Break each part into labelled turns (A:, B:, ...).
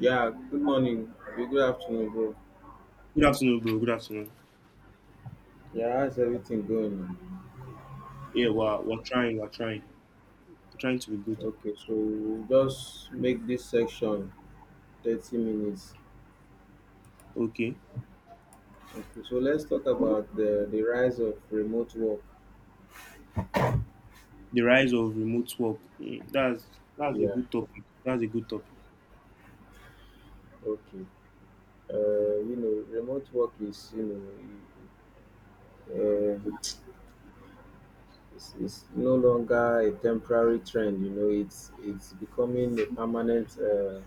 A: Yeah, good morning. Good afternoon, bro.
B: Good afternoon, bro. Good afternoon.
A: Yeah, how's everything going on?
B: Yeah, we're trying. We're trying. We're trying to be good.
A: Okay, so we'll just make this section 30 minutes.
B: Okay.
A: Okay, so let's talk about the rise of remote work.
B: The rise of remote work. That's a
A: Yeah,
B: good topic. That's a good topic.
A: okay. Remote work is, know, uh, it's no longer a temporary trend. It's becoming a permanent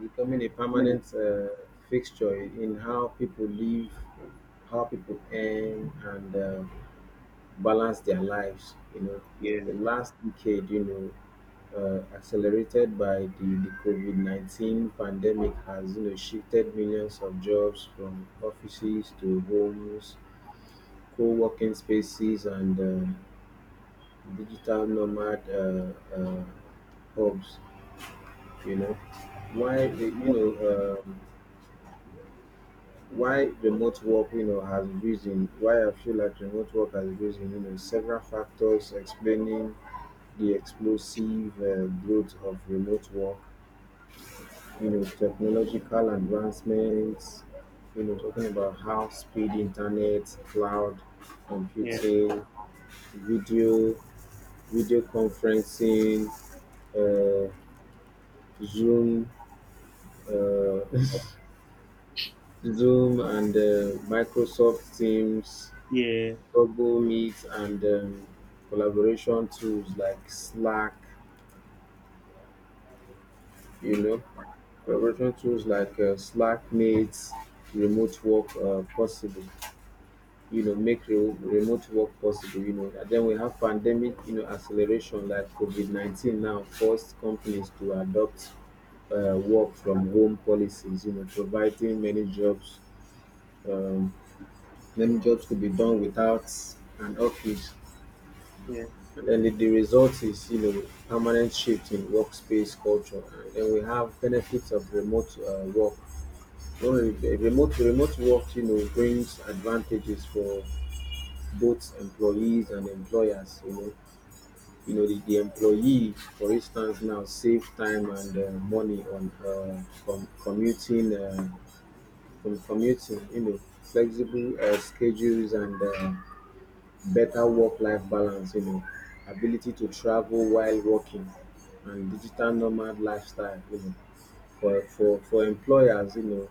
A: becoming a permanent uh, fixture in how people live, how people earn, and balance their lives. You know,
B: Yeah.
A: the last decade, accelerated by the COVID 19 pandemic, has shifted millions of jobs from offices to homes, co working spaces, and digital nomad uh, hubs. You know, you know, why remote work you know has risen Why I feel like remote work has risen. Several factors explaining the explosive growth of remote work. Technological advancements, talking about how speed internet, cloud
B: Yeah.
A: computing, video video conferencing, uh, zoom, uh, zoom, and microsoft teams,
B: Yeah.
A: Google Meet, and collaboration tools like Slack. you know, Collaboration tools like Slack makes remote work possible. Make remote work possible. And then we have pandemic acceleration, like COVID 19, now forced companies to adopt work from home policies, providing um, many jobs to be done without an office.
B: Yeah.
A: And then the result is permanent shift in workspace culture. And then we have benefits of remote work. Remote work, brings advantages for both employees and employers. The employee, for instance, now save time and money on commuting, from commuting. Flexible schedules and better work-life balance, ability to travel while working, and digital nomad lifestyle. For employers,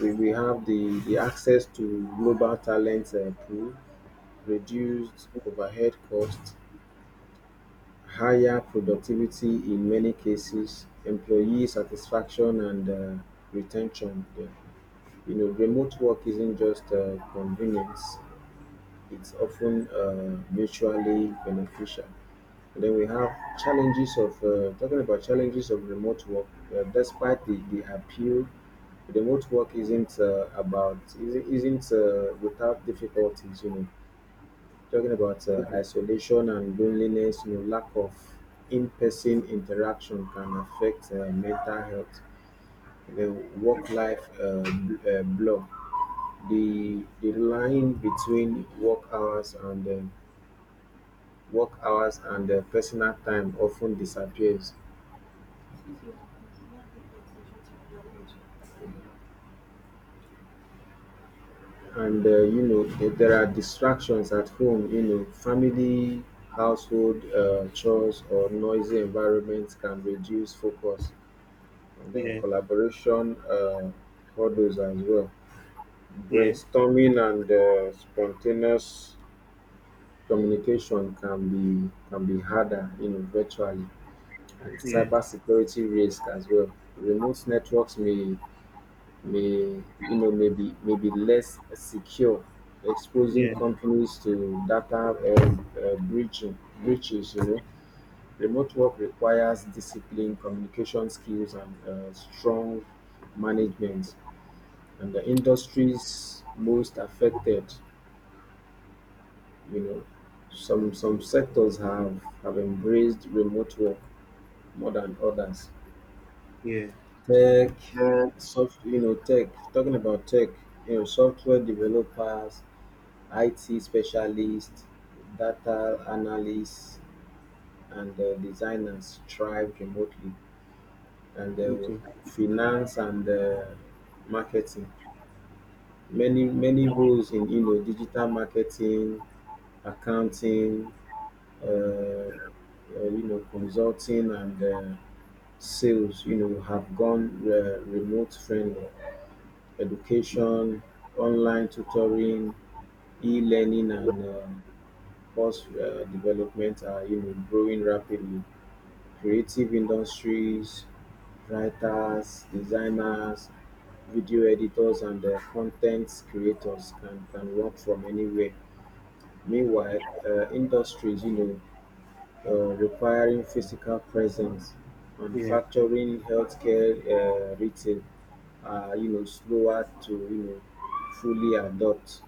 A: we have the access to global talent pool, reduced overhead costs, higher productivity in many cases, employee satisfaction and retention. Yeah. Remote work isn't just convenience; it's often mutually beneficial. Then we have challenges of Talking about challenges of remote work. Despite the appeal, remote work isn't about isn't without difficulties. Talking about isolation and loneliness. Lack of in-person interaction can affect mental health. The work-life blur. The line between work hours and personal time often disappears, and there are distractions at home. Family, household chores, or noisy environments can reduce focus. And then
B: Yeah.
A: collaboration hurdles as well.
B: Yeah.
A: Brainstorming and spontaneous communication can be harder, virtually. And
B: Yeah.
A: cybersecurity risk as well. Remote networks may, maybe less secure, exposing
B: Yeah.
A: companies to data breaching breaches. Remote work requires discipline, communication skills, and strong management. And the industries most affected, you know, some sectors have embraced remote work more than others.
B: Yeah.
A: Tech. Soft, you know, tech. Talking about tech, you know, software developers, IT specialists, data analysts, and designers thrive remotely, and
B: Okay.
A: finance and marketing. Many roles in digital marketing, accounting, consulting, and sales have gone remote friendly. Education, online tutoring, e-learning, and Port development are growing rapidly. Creative industries, writers, designers, video editors, and content creators can work from anywhere. Meanwhile, industries requiring physical presence,
B: Yeah.
A: manufacturing, healthcare, retail are slower to fully adopt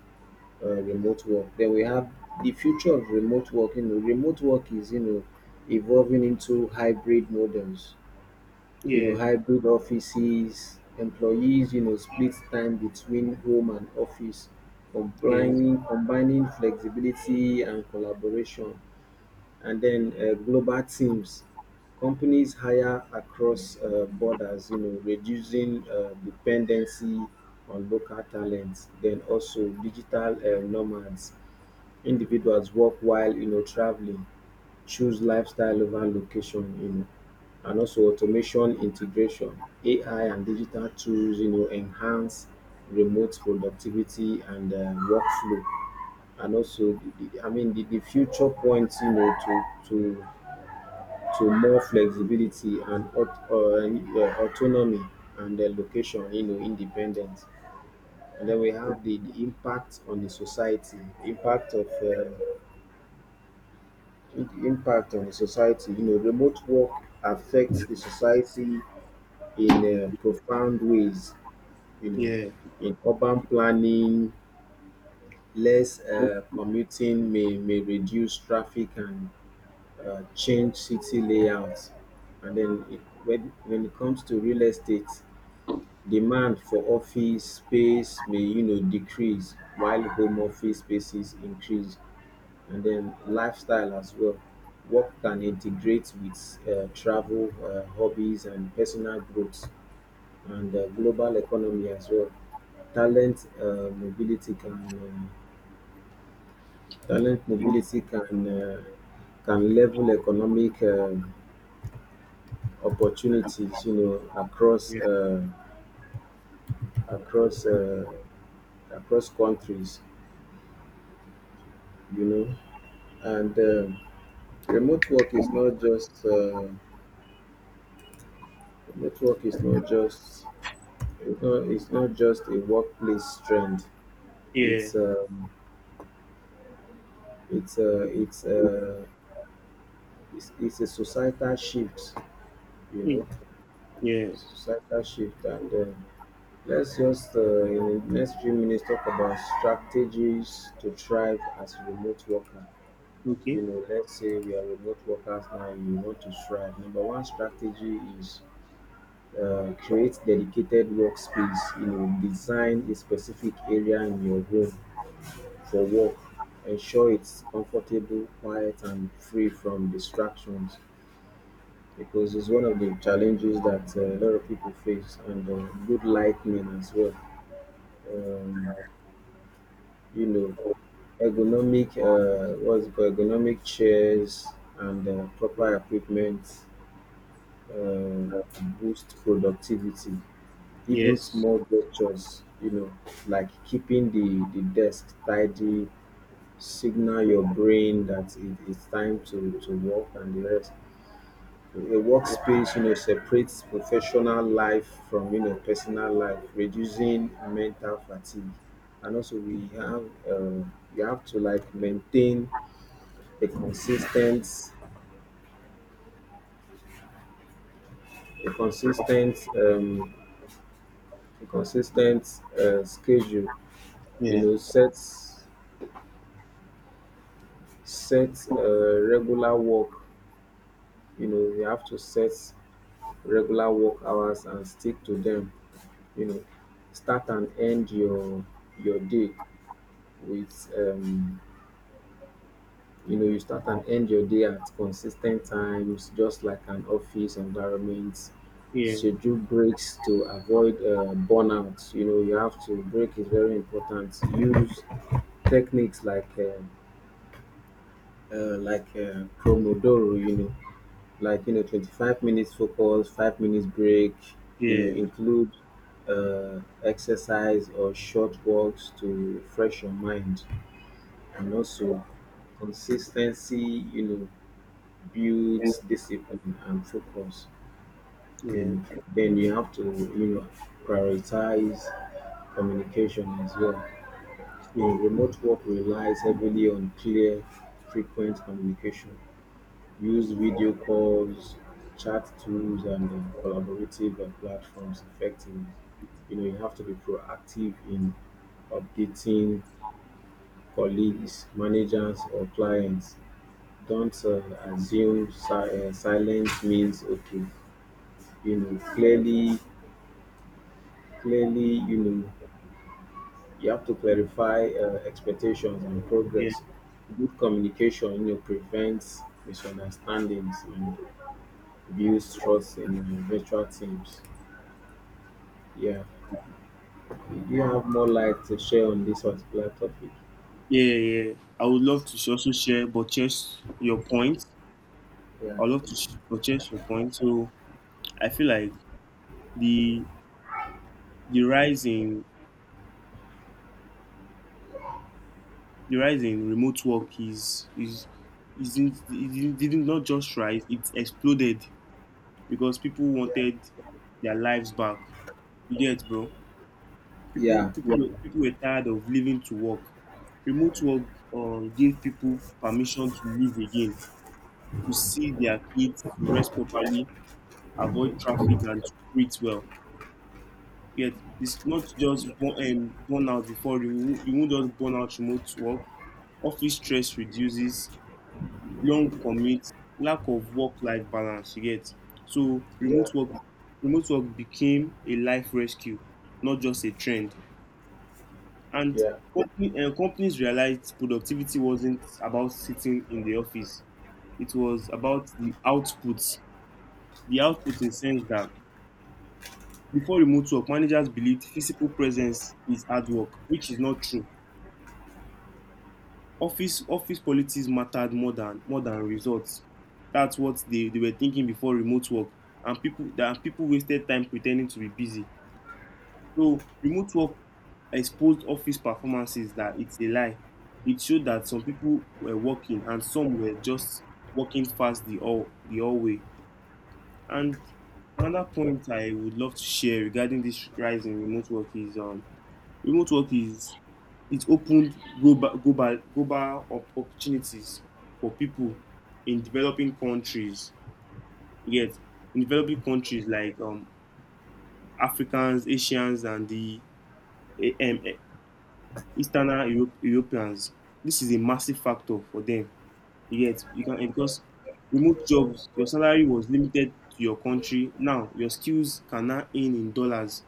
A: remote work. Then we have the future of remote work. Remote work is evolving into hybrid models.
B: Yeah.
A: Hybrid offices, employees, split time between home and office,
B: Yeah.
A: combining flexibility and collaboration. And then global teams, companies hire across borders, reducing dependency on local talents. Then also digital nomads, individuals work while traveling, choose lifestyle over location. And also automation integration, ai and digital tools enhance remote productivity and workflow. And also the future points, to more flexibility and autonomy, and the location independence. And then we have the impact on the society, impact of uh, impact on the society. Remote work affects the society in profound ways. You know,
B: Yeah.
A: in urban planning, less commuting may reduce traffic and change city layouts. And when it comes to real estate, demand for office space may decrease while home office spaces increase. And then lifestyle as well. Work can integrate with travel, hobbies, and personal growth, and global economy as well. Talent uh, mobility can Talent mobility can, can level economic opportunities, across
B: Yeah.
A: across uh, across countries, you know, and remote work is not just uh, remote work is not just... No, it's not just a workplace trend.
B: Yeah.
A: It's it's a it's a a societal shift, you
B: Mm,
A: know,
B: Yeah.
A: societal shift. And let's just in the next few minutes talk about strategies to thrive as a remote worker.
B: Okay.
A: Let's say we are remote workers now. You want to thrive. Number one strategy is create dedicated workspace. Design a specific area in your home for work, ensure it's comfortable, quiet, and free from distractions, because it's one of the challenges that a lot of people face, and good lighting as well. Um, you know, ergonomic, what's it called, ergonomic chairs and proper equipment uh, boost productivity. Even
B: Yes.
A: small gestures, like keeping the desk tidy signal
B: Yeah.
A: your brain that it's time to work and the rest. A workspace, separates professional life from, personal life, reducing mental fatigue. And also we have, you have to like maintain a consistent, a consistent, um, a consistent schedule. you
B: Yeah.
A: know, set, Set regular work, you have to set regular work hours and stick to them. You know start and end your day with you know You start and end your day at consistent times, just like an office environment.
B: Yeah.
A: Schedule breaks to avoid burnout. You have to break is very important. Use techniques like pomodoro, 25 minutes focus, 5 minutes break.
B: Yeah.
A: Include exercise or short walks to fresh your mind. And also consistency builds discipline and focus. you
B: Yeah.
A: know then you have to, you know prioritize communication as well.
B: Sure.
A: Remote work relies heavily on clear, frequent communication. Use video calls, chat tools, and collaborative platforms effectively. You have to be proactive in updating colleagues, managers, or clients. Don't assume silence means okay. You know, clearly, clearly, you have to clarify expectations and
B: Yeah.
A: progress. Good communication prevents misunderstandings and builds trust in virtual teams. Yeah. Do you have more light to share on this particular topic?
B: Yeah. Yeah. I would love to also share, but just your point.
A: Yeah,
B: I'd love to purchase your point. So I feel like the the rise in the rise in remote work is isn't it didn't not just rise, it exploded because people
A: yeah,
B: wanted their lives back. You get bro? People
A: yeah,
B: people people were tired of living to work. Remote work gave people permission to live again, to see their kids, to rest properly, avoid traffic and to breathe well. Yet it's not just burnout. Before you, you won't just burn out remote work. Office stress reduces, long commutes, lack of work-life balance. You get, so remote
A: yeah,
B: work, remote work became a life rescue, not just a trend. And
A: yeah,
B: companies realized productivity wasn't about sitting in the office; it was about the outputs. The output in sense that before remote work, managers believed physical presence is hard work, which is not true. Office politics mattered more than results. That's what they were thinking before remote work, and people wasted time pretending to be busy. So remote work exposed office performances that it's a lie. It showed that some people were working and some were just working fast the whole way. And another point I would love to share regarding this rise in remote work is remote work is it opened global opportunities for people in developing countries. Yet, in developing countries like Africans, Asians, and the eh, um, eh, Eastern Europe, Europeans, this is a massive factor for them. Yet, because remote jobs, your salary was limited to your country. Now, your skills can now earn in dollars,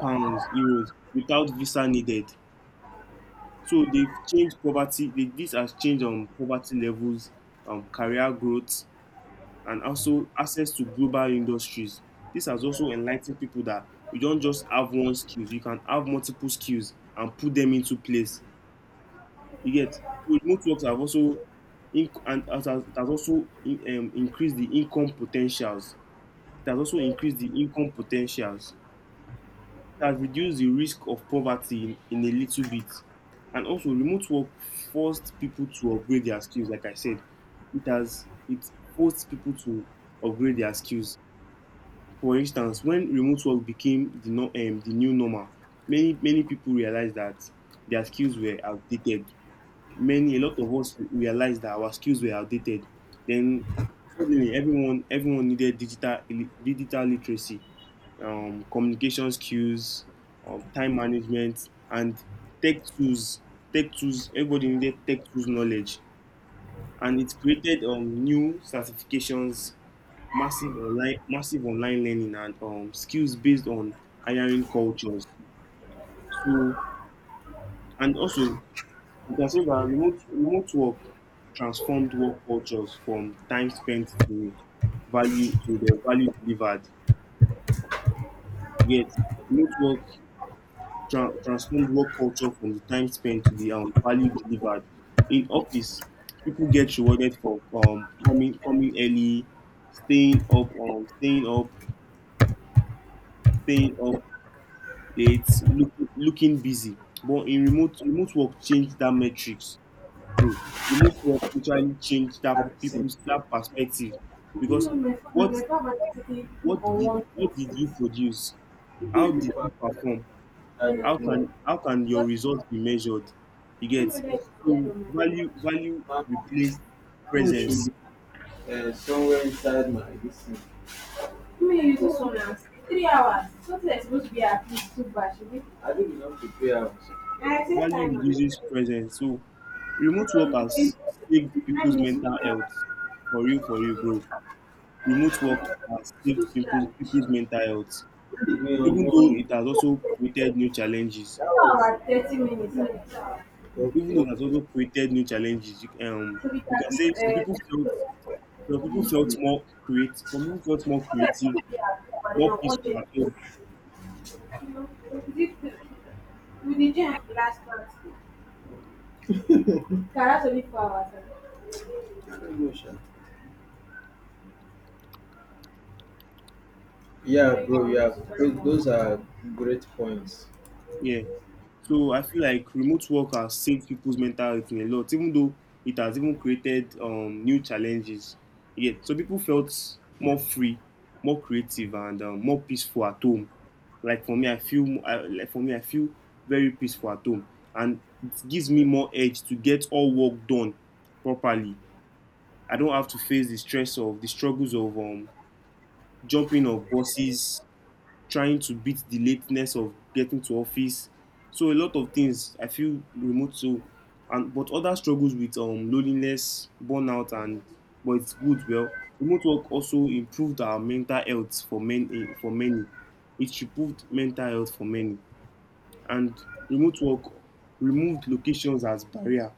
B: pounds, euros without visa needed. So they've changed poverty. This has changed poverty levels, career growth, and also access to global industries. This has also enlightened people that you don't just have one skill; you can have multiple skills and put them into place. You get, so remote works have also and it has also increased the income potentials. It has also increased the income potentials, has reduced the risk of poverty in a little bit. And also, remote work forced people to upgrade their skills. Like I said, it forced people to upgrade their skills. For instance, when remote work became the no, the new normal, many people realized that their skills were outdated. Many A lot of us realized that our skills were outdated. Then suddenly, everyone needed digital literacy, communication skills, time management, and tech tools. Tech tools. Everybody needed tech tools knowledge, and it created new certifications, massive online learning, and skills based on hiring cultures. So, and also, you can say that remote work transformed work cultures from time spent to the value delivered. Yet, remote work transformed work culture from the time spent to the value delivered. In office, people get rewarded for coming early, staying up, um, staying up, staying up late, looking busy. But in remote work, change that metrics, bro. Remote work literally change
A: I've seen
B: that perspective because what what did you produce? How did
A: David
B: you
A: Park.
B: perform?
A: And
B: How can your results be measured? You get, so value
A: my mom
B: replace
A: my mom
B: presence.
A: should be somewhere inside my listen. I didn't know to pay out.
B: Value reduces presence. So remote work has saved people's mental health. For real, bro. Remote work has saved people's mental health.
A: Leave me on
B: Even though it has
A: it.
B: also created new challenges. Even
A: Okay.
B: though it has also created new challenges. We can say some people felt some people
A: Um,
B: felt more creative. Some people felt more creative, more peaceful at home.
A: I don't know, sha. Yeah, bro. Yeah, those are great points.
B: Yeah. So I feel like remote work has saved people's mental health in a lot, even though it has even created new challenges. Yeah. So people felt more free, more creative, and more peaceful at home. Like for me, I feel mo- I, like for me, I feel very peaceful at home, and it gives me more edge to get all work done properly. I don't have to face the stress of the struggles of jumping of bosses trying to beat the lateness of getting to office. So a lot of things I feel remote, so and but other struggles with loneliness, burnout and but it's good well. Remote work also improved our mental health for many. It improved mental health for many. And remote work removed locations as barrier.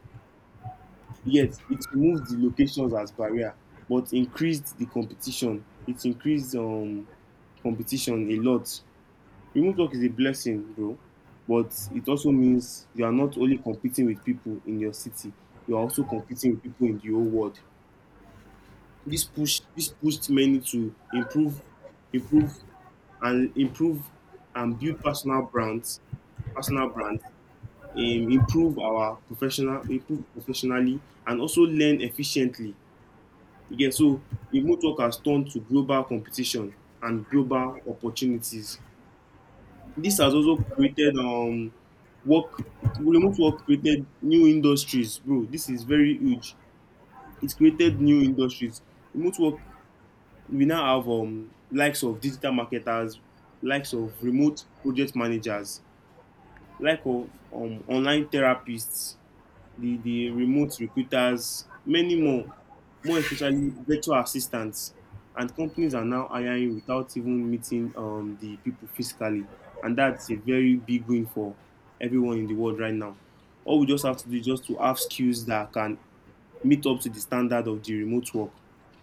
B: Yes, it removed the locations as barrier, but increased the competition. It increased competition a lot. Remote work is a blessing, bro, but it also means you are not only competing with people in your city, you are also competing with people in the whole world. This pushed many to improve improve and improve and build personal brands, personal brands, improve our professionally and also learn efficiently. Yeah, so remote work has turned to global competition and global opportunities. This has also created work remote work, created new industries, bro. This is very huge. It's created new industries. Remote work, we now have likes of digital marketers, likes of remote project managers, like of online therapists, the remote recruiters, many more, more especially virtual assistants. And companies are now hiring without even meeting the people physically. And that's a very big win for everyone in the world right now. All we just have to do is just to have skills that can meet up to the standard of the remote work.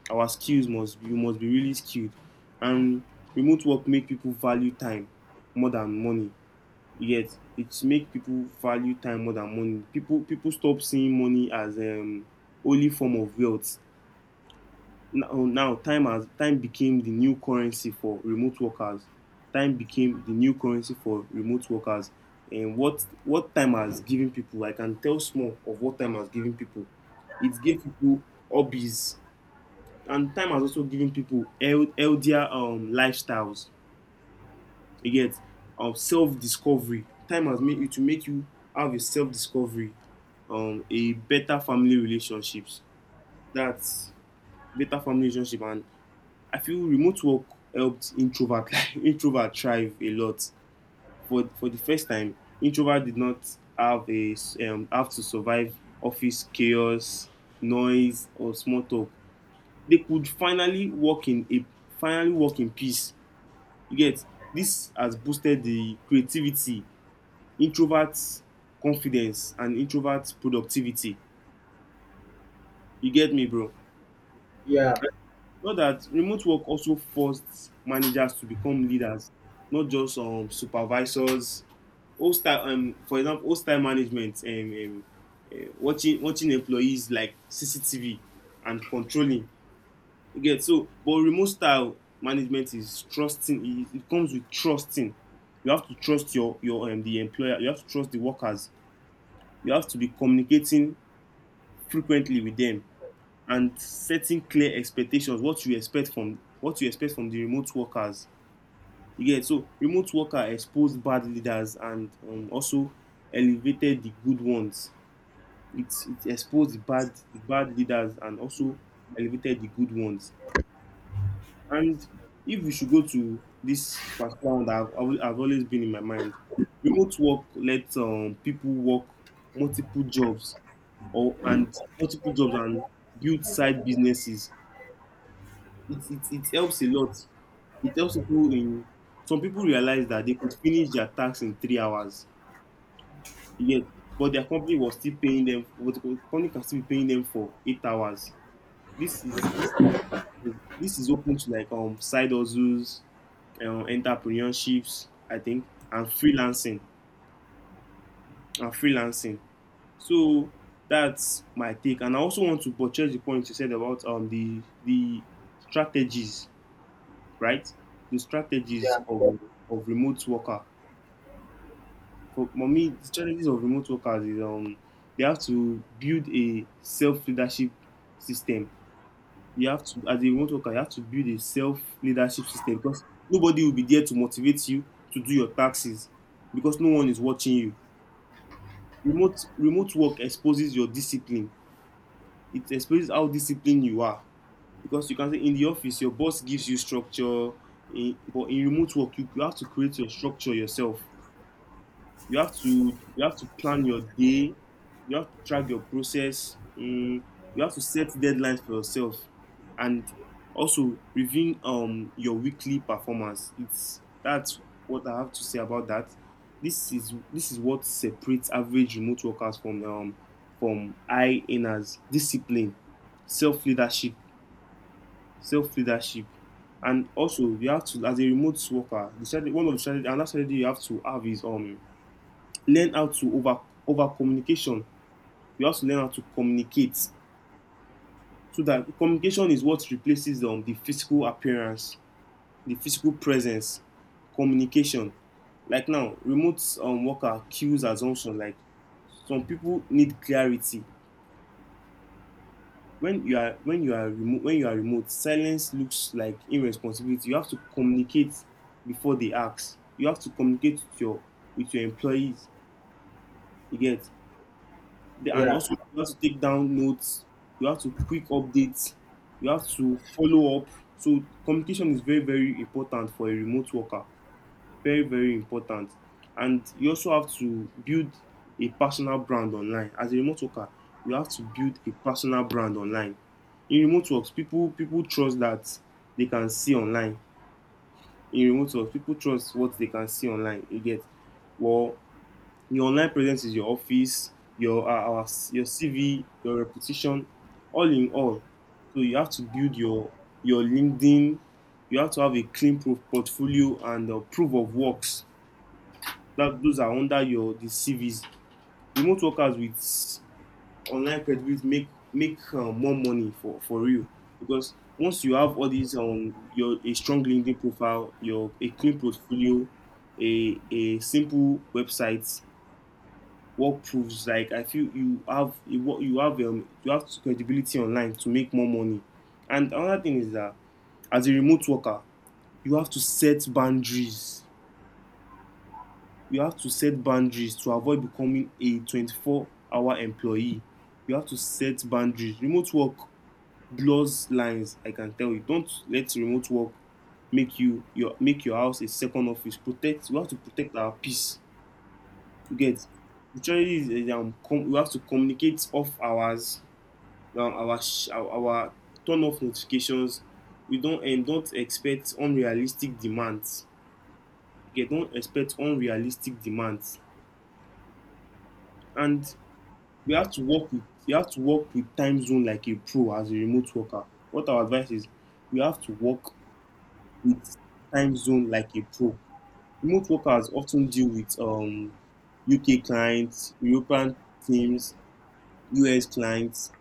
B: Our skills must be really skilled. And remote work make people value time more than money. You get, it's make people value time more than money. People stop seeing money as only form of wealth. Now time became the new currency for remote workers. Time became the new currency for remote workers. And what time has given people? I can tell small of what time has given people. It gave people hobbies, and time has also given people health, healthier lifestyles. You get, of self discovery, time has made you to make you have a self discovery, um, a better family relationships. That's better family relationship. And I feel remote work helped introvert introvert thrive a lot. For the first time, introvert did not have a have to survive office chaos, noise or small talk. They could finally work in peace. You get, this has boosted the creativity, introverts confidence and introverts productivity. You get me bro?
A: Yeah,
B: Know that remote work also forced managers to become leaders, not just supervisors. Old style, for example, old style management, watching employees like CCTV and controlling. You get, so but remote style management is trusting, it comes with trusting. You have to trust your the employer. You have to trust the workers. You have to be communicating frequently with them and setting clear expectations, what you expect from the remote workers. You get, so remote worker exposed bad leaders and also elevated the good ones. It exposed the bad leaders and also elevated the good ones. And if we should go to this particular one that I've always been in my mind, remote work lets people work multiple jobs multiple jobs and build side businesses. It helps a lot. It helps people in some people realize that they could finish their task in 3 hours. Yes, but their company was still paying them. But the company can still be paying them for 8 hours. This is this this is open to like side hustles, entrepreneurships, I think, and freelancing and freelancing. So that's my take. And I also want to buttress the point you said about the strategies, right? The
A: yeah,
B: strategies of remote worker. For me, the strategies of remote workers is they have to build a self leadership system. You have to, as a remote worker, you have to build a self leadership system because nobody will be there to motivate you to do your taxes because no one is watching you. Remote work exposes your discipline. It exposes how disciplined you are because you can say in the office your boss gives you structure, but in remote work you have to create your structure yourself. You have to, you have to plan your day, you have to track your process. You have to set deadlines for yourself, and also reviewing your weekly performance it's that's what I have to say about that. This is what separates average remote workers from high earners. Discipline, self leadership, self leadership. And also you have to, as a remote worker, the strategy, one of the strategy, another strategy you have to have is learn how to over communication. We have to learn how to communicate, so that communication is what replaces the physical appearance, the physical presence, communication. Like now remote worker kills assumption. Like some people need clarity. When you are, when you are remote, when you are remote, silence looks like irresponsibility. You have to communicate before they ask. You have to communicate with your, with your employees, you get. And also
A: yeah,
B: you have to take down notes, you have to quick updates, you have to follow up. So communication is very very important for a remote worker, very very important. And you also have to build a personal brand online. As a remote worker, you have to build a personal brand online. In remote works, people trust that they can see online. In remote works, people trust what they can see online, you get. Well, your online presence is your office, your your CV, your reputation, all in all. So you have to build your LinkedIn. You have to have a clean portfolio and proof of works. That, those are under your the CVs. Remote workers with online credibility make more money for you, because once you have all these on your, a strong LinkedIn profile, your, a clean portfolio, a simple website, work proves, like I feel you have, you you have credibility online to make more money. And another thing is that as a remote worker, you have to set boundaries. You have to set boundaries to avoid becoming a 24-hour hour employee. You have to set boundaries. Remote work blurs lines, I can tell you. Don't let remote work make you your, make your house a second office. Protect, you have to protect our peace. You get, literally, we have to communicate off hours. Now our turn off notifications. We don't, and don't expect unrealistic demands. Okay, don't expect unrealistic demands. And we have to work with, you have to work with time zone like a pro as a remote worker. What our advice is, you have to work with time zone like a pro. Remote workers often deal with UK clients, European teams, US clients.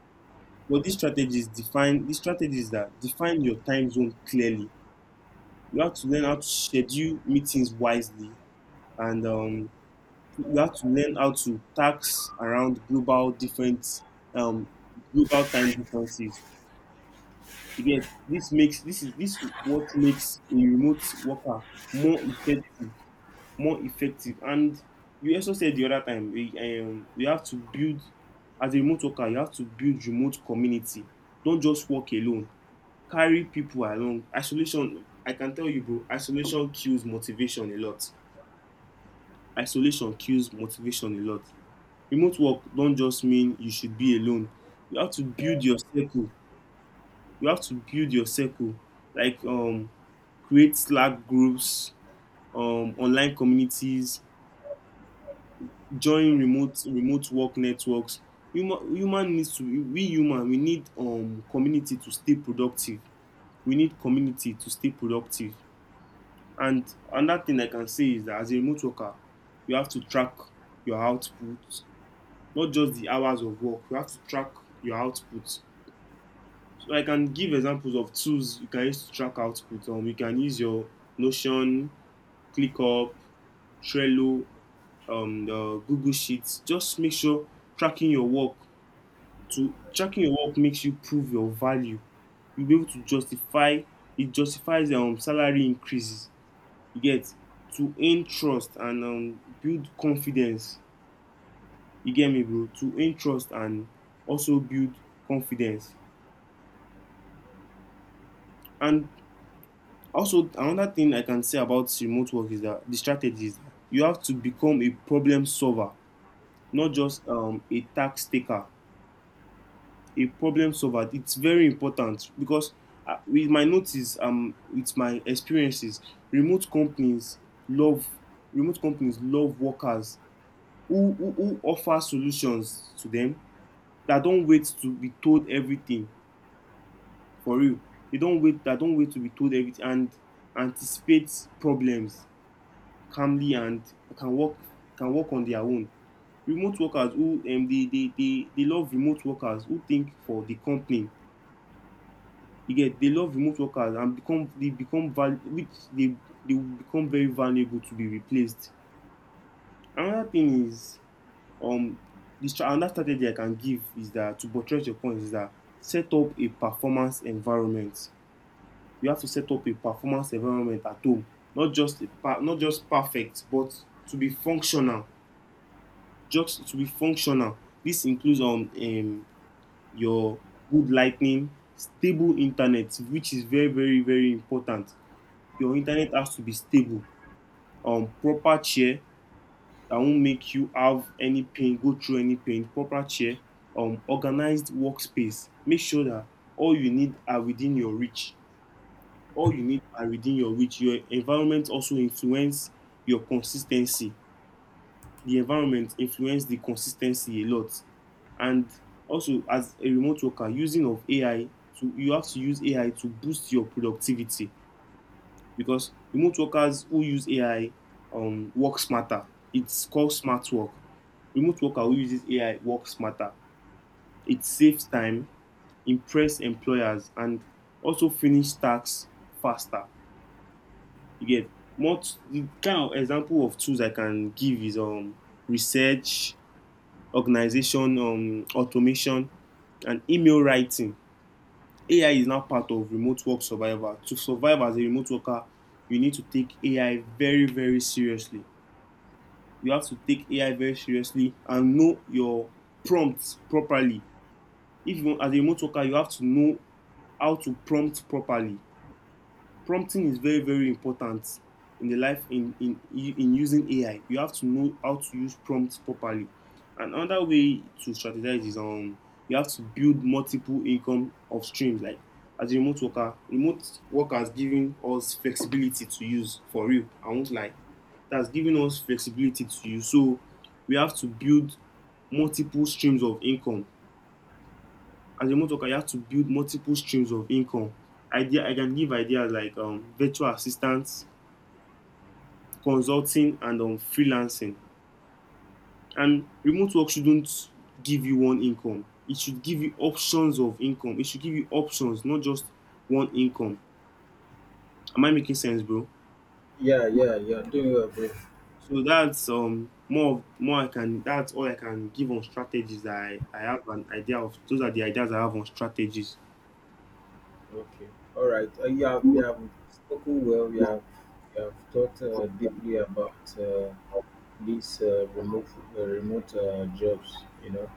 B: But these strategies define, these strategies that define your time zone clearly. You have to learn how to schedule meetings wisely, and you have to learn how to tax around global different, um, global time differences. Again, this makes, this is, this what makes a remote worker more effective, more effective. And you also said the other time, we, you have to build, as a remote worker, you have to build remote community. Don't just work alone, carry people along. Isolation, I can tell you bro, isolation kills motivation a lot. Isolation kills motivation a lot. Remote work don't just mean you should be alone. You have to build your circle, you have to build your circle. Like create Slack groups, online communities, join remote work networks. Human needs to, we human, we need community to stay productive. We need community to stay productive. And another thing I can say is that as a remote worker, you have to track your output, not just the hours of work. You have to track your output. So I can give examples of tools you can use to track output. You can use your Notion, ClickUp, Trello, the Google Sheets. Just make sure tracking your work, to tracking your work makes you prove your value. You'll be able to justify, it justifies salary increases, you get. To gain trust and build confidence, you get me bro, to gain trust and also build confidence. And also another thing I can say about remote work is that the strategy is that you have to become a problem solver, not just a tax taker, a problem solver. It's very important because with my notice, with my experiences, remote companies love, remote companies love workers who offer solutions to them, that don't wait to be told everything, for real. They don't wait, that don't wait to be told everything, and anticipate problems calmly, and can work, can work on their own. Remote workers who they love remote workers who think for the company. You get, they love remote workers and become, they become which they will become very valuable to be replaced. Another thing is um another strategy I can give is that to buttress your point is that set up a performance environment. You have to set up a performance environment at home, not just a not just perfect, but to be functional. Just to be functional. This includes your good lightning, stable internet, which is very very very important. Your internet has to be stable. Proper chair, that won't make you have any pain, go through any pain, proper chair, organized workspace. Make sure that all you need are within your reach. All you need are within your reach. Your environment also influence your consistency. The environment influence the consistency a lot. And also, as a remote worker, using of AI, to, you have to use AI to boost your productivity, because remote workers who use AI work smarter. It's called smart work. Remote worker who uses AI works smarter. It saves time, impress employers, and also finish tasks faster. You get. The kind of example of tools I can give is research, organization, automation, and email writing. AI is now part of remote work survival. To survive as a remote worker, you need to take AI very, very seriously. You have to take AI very seriously and know your prompts properly. If you want, as a remote worker, you have to know how to prompt properly. Prompting is very very important in the life, in using AI. You have to know how to use prompts properly. And another way to strategize is you have to build multiple income of streams. Like as a remote worker, remote work has given us flexibility to use, for real. I won't lie. That's given us flexibility to use. So we have to build multiple streams of income. As a remote worker, you have to build multiple streams of income. Idea, I can give ideas like virtual assistants, consulting, and freelancing. And remote work shouldn't give you one income. It should give you options of income. It should give you options, not just one income. Am I making sense, bro?
A: yeah, yeah. You're doing well, bro.
B: So that's more of, more I can, that's all I can give on strategies. That I have an idea of, those are the ideas I have on strategies.
A: Okay. All right. You have spoken well. You have thought deeply about these remote jobs. You know.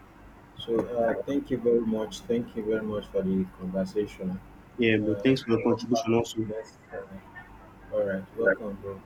A: So thank you very much. Thank you very much for the conversation.
B: Yeah, but
A: Uh,
B: thanks for the
A: come back
B: contribution also.
A: next time. All right. Welcome, bro.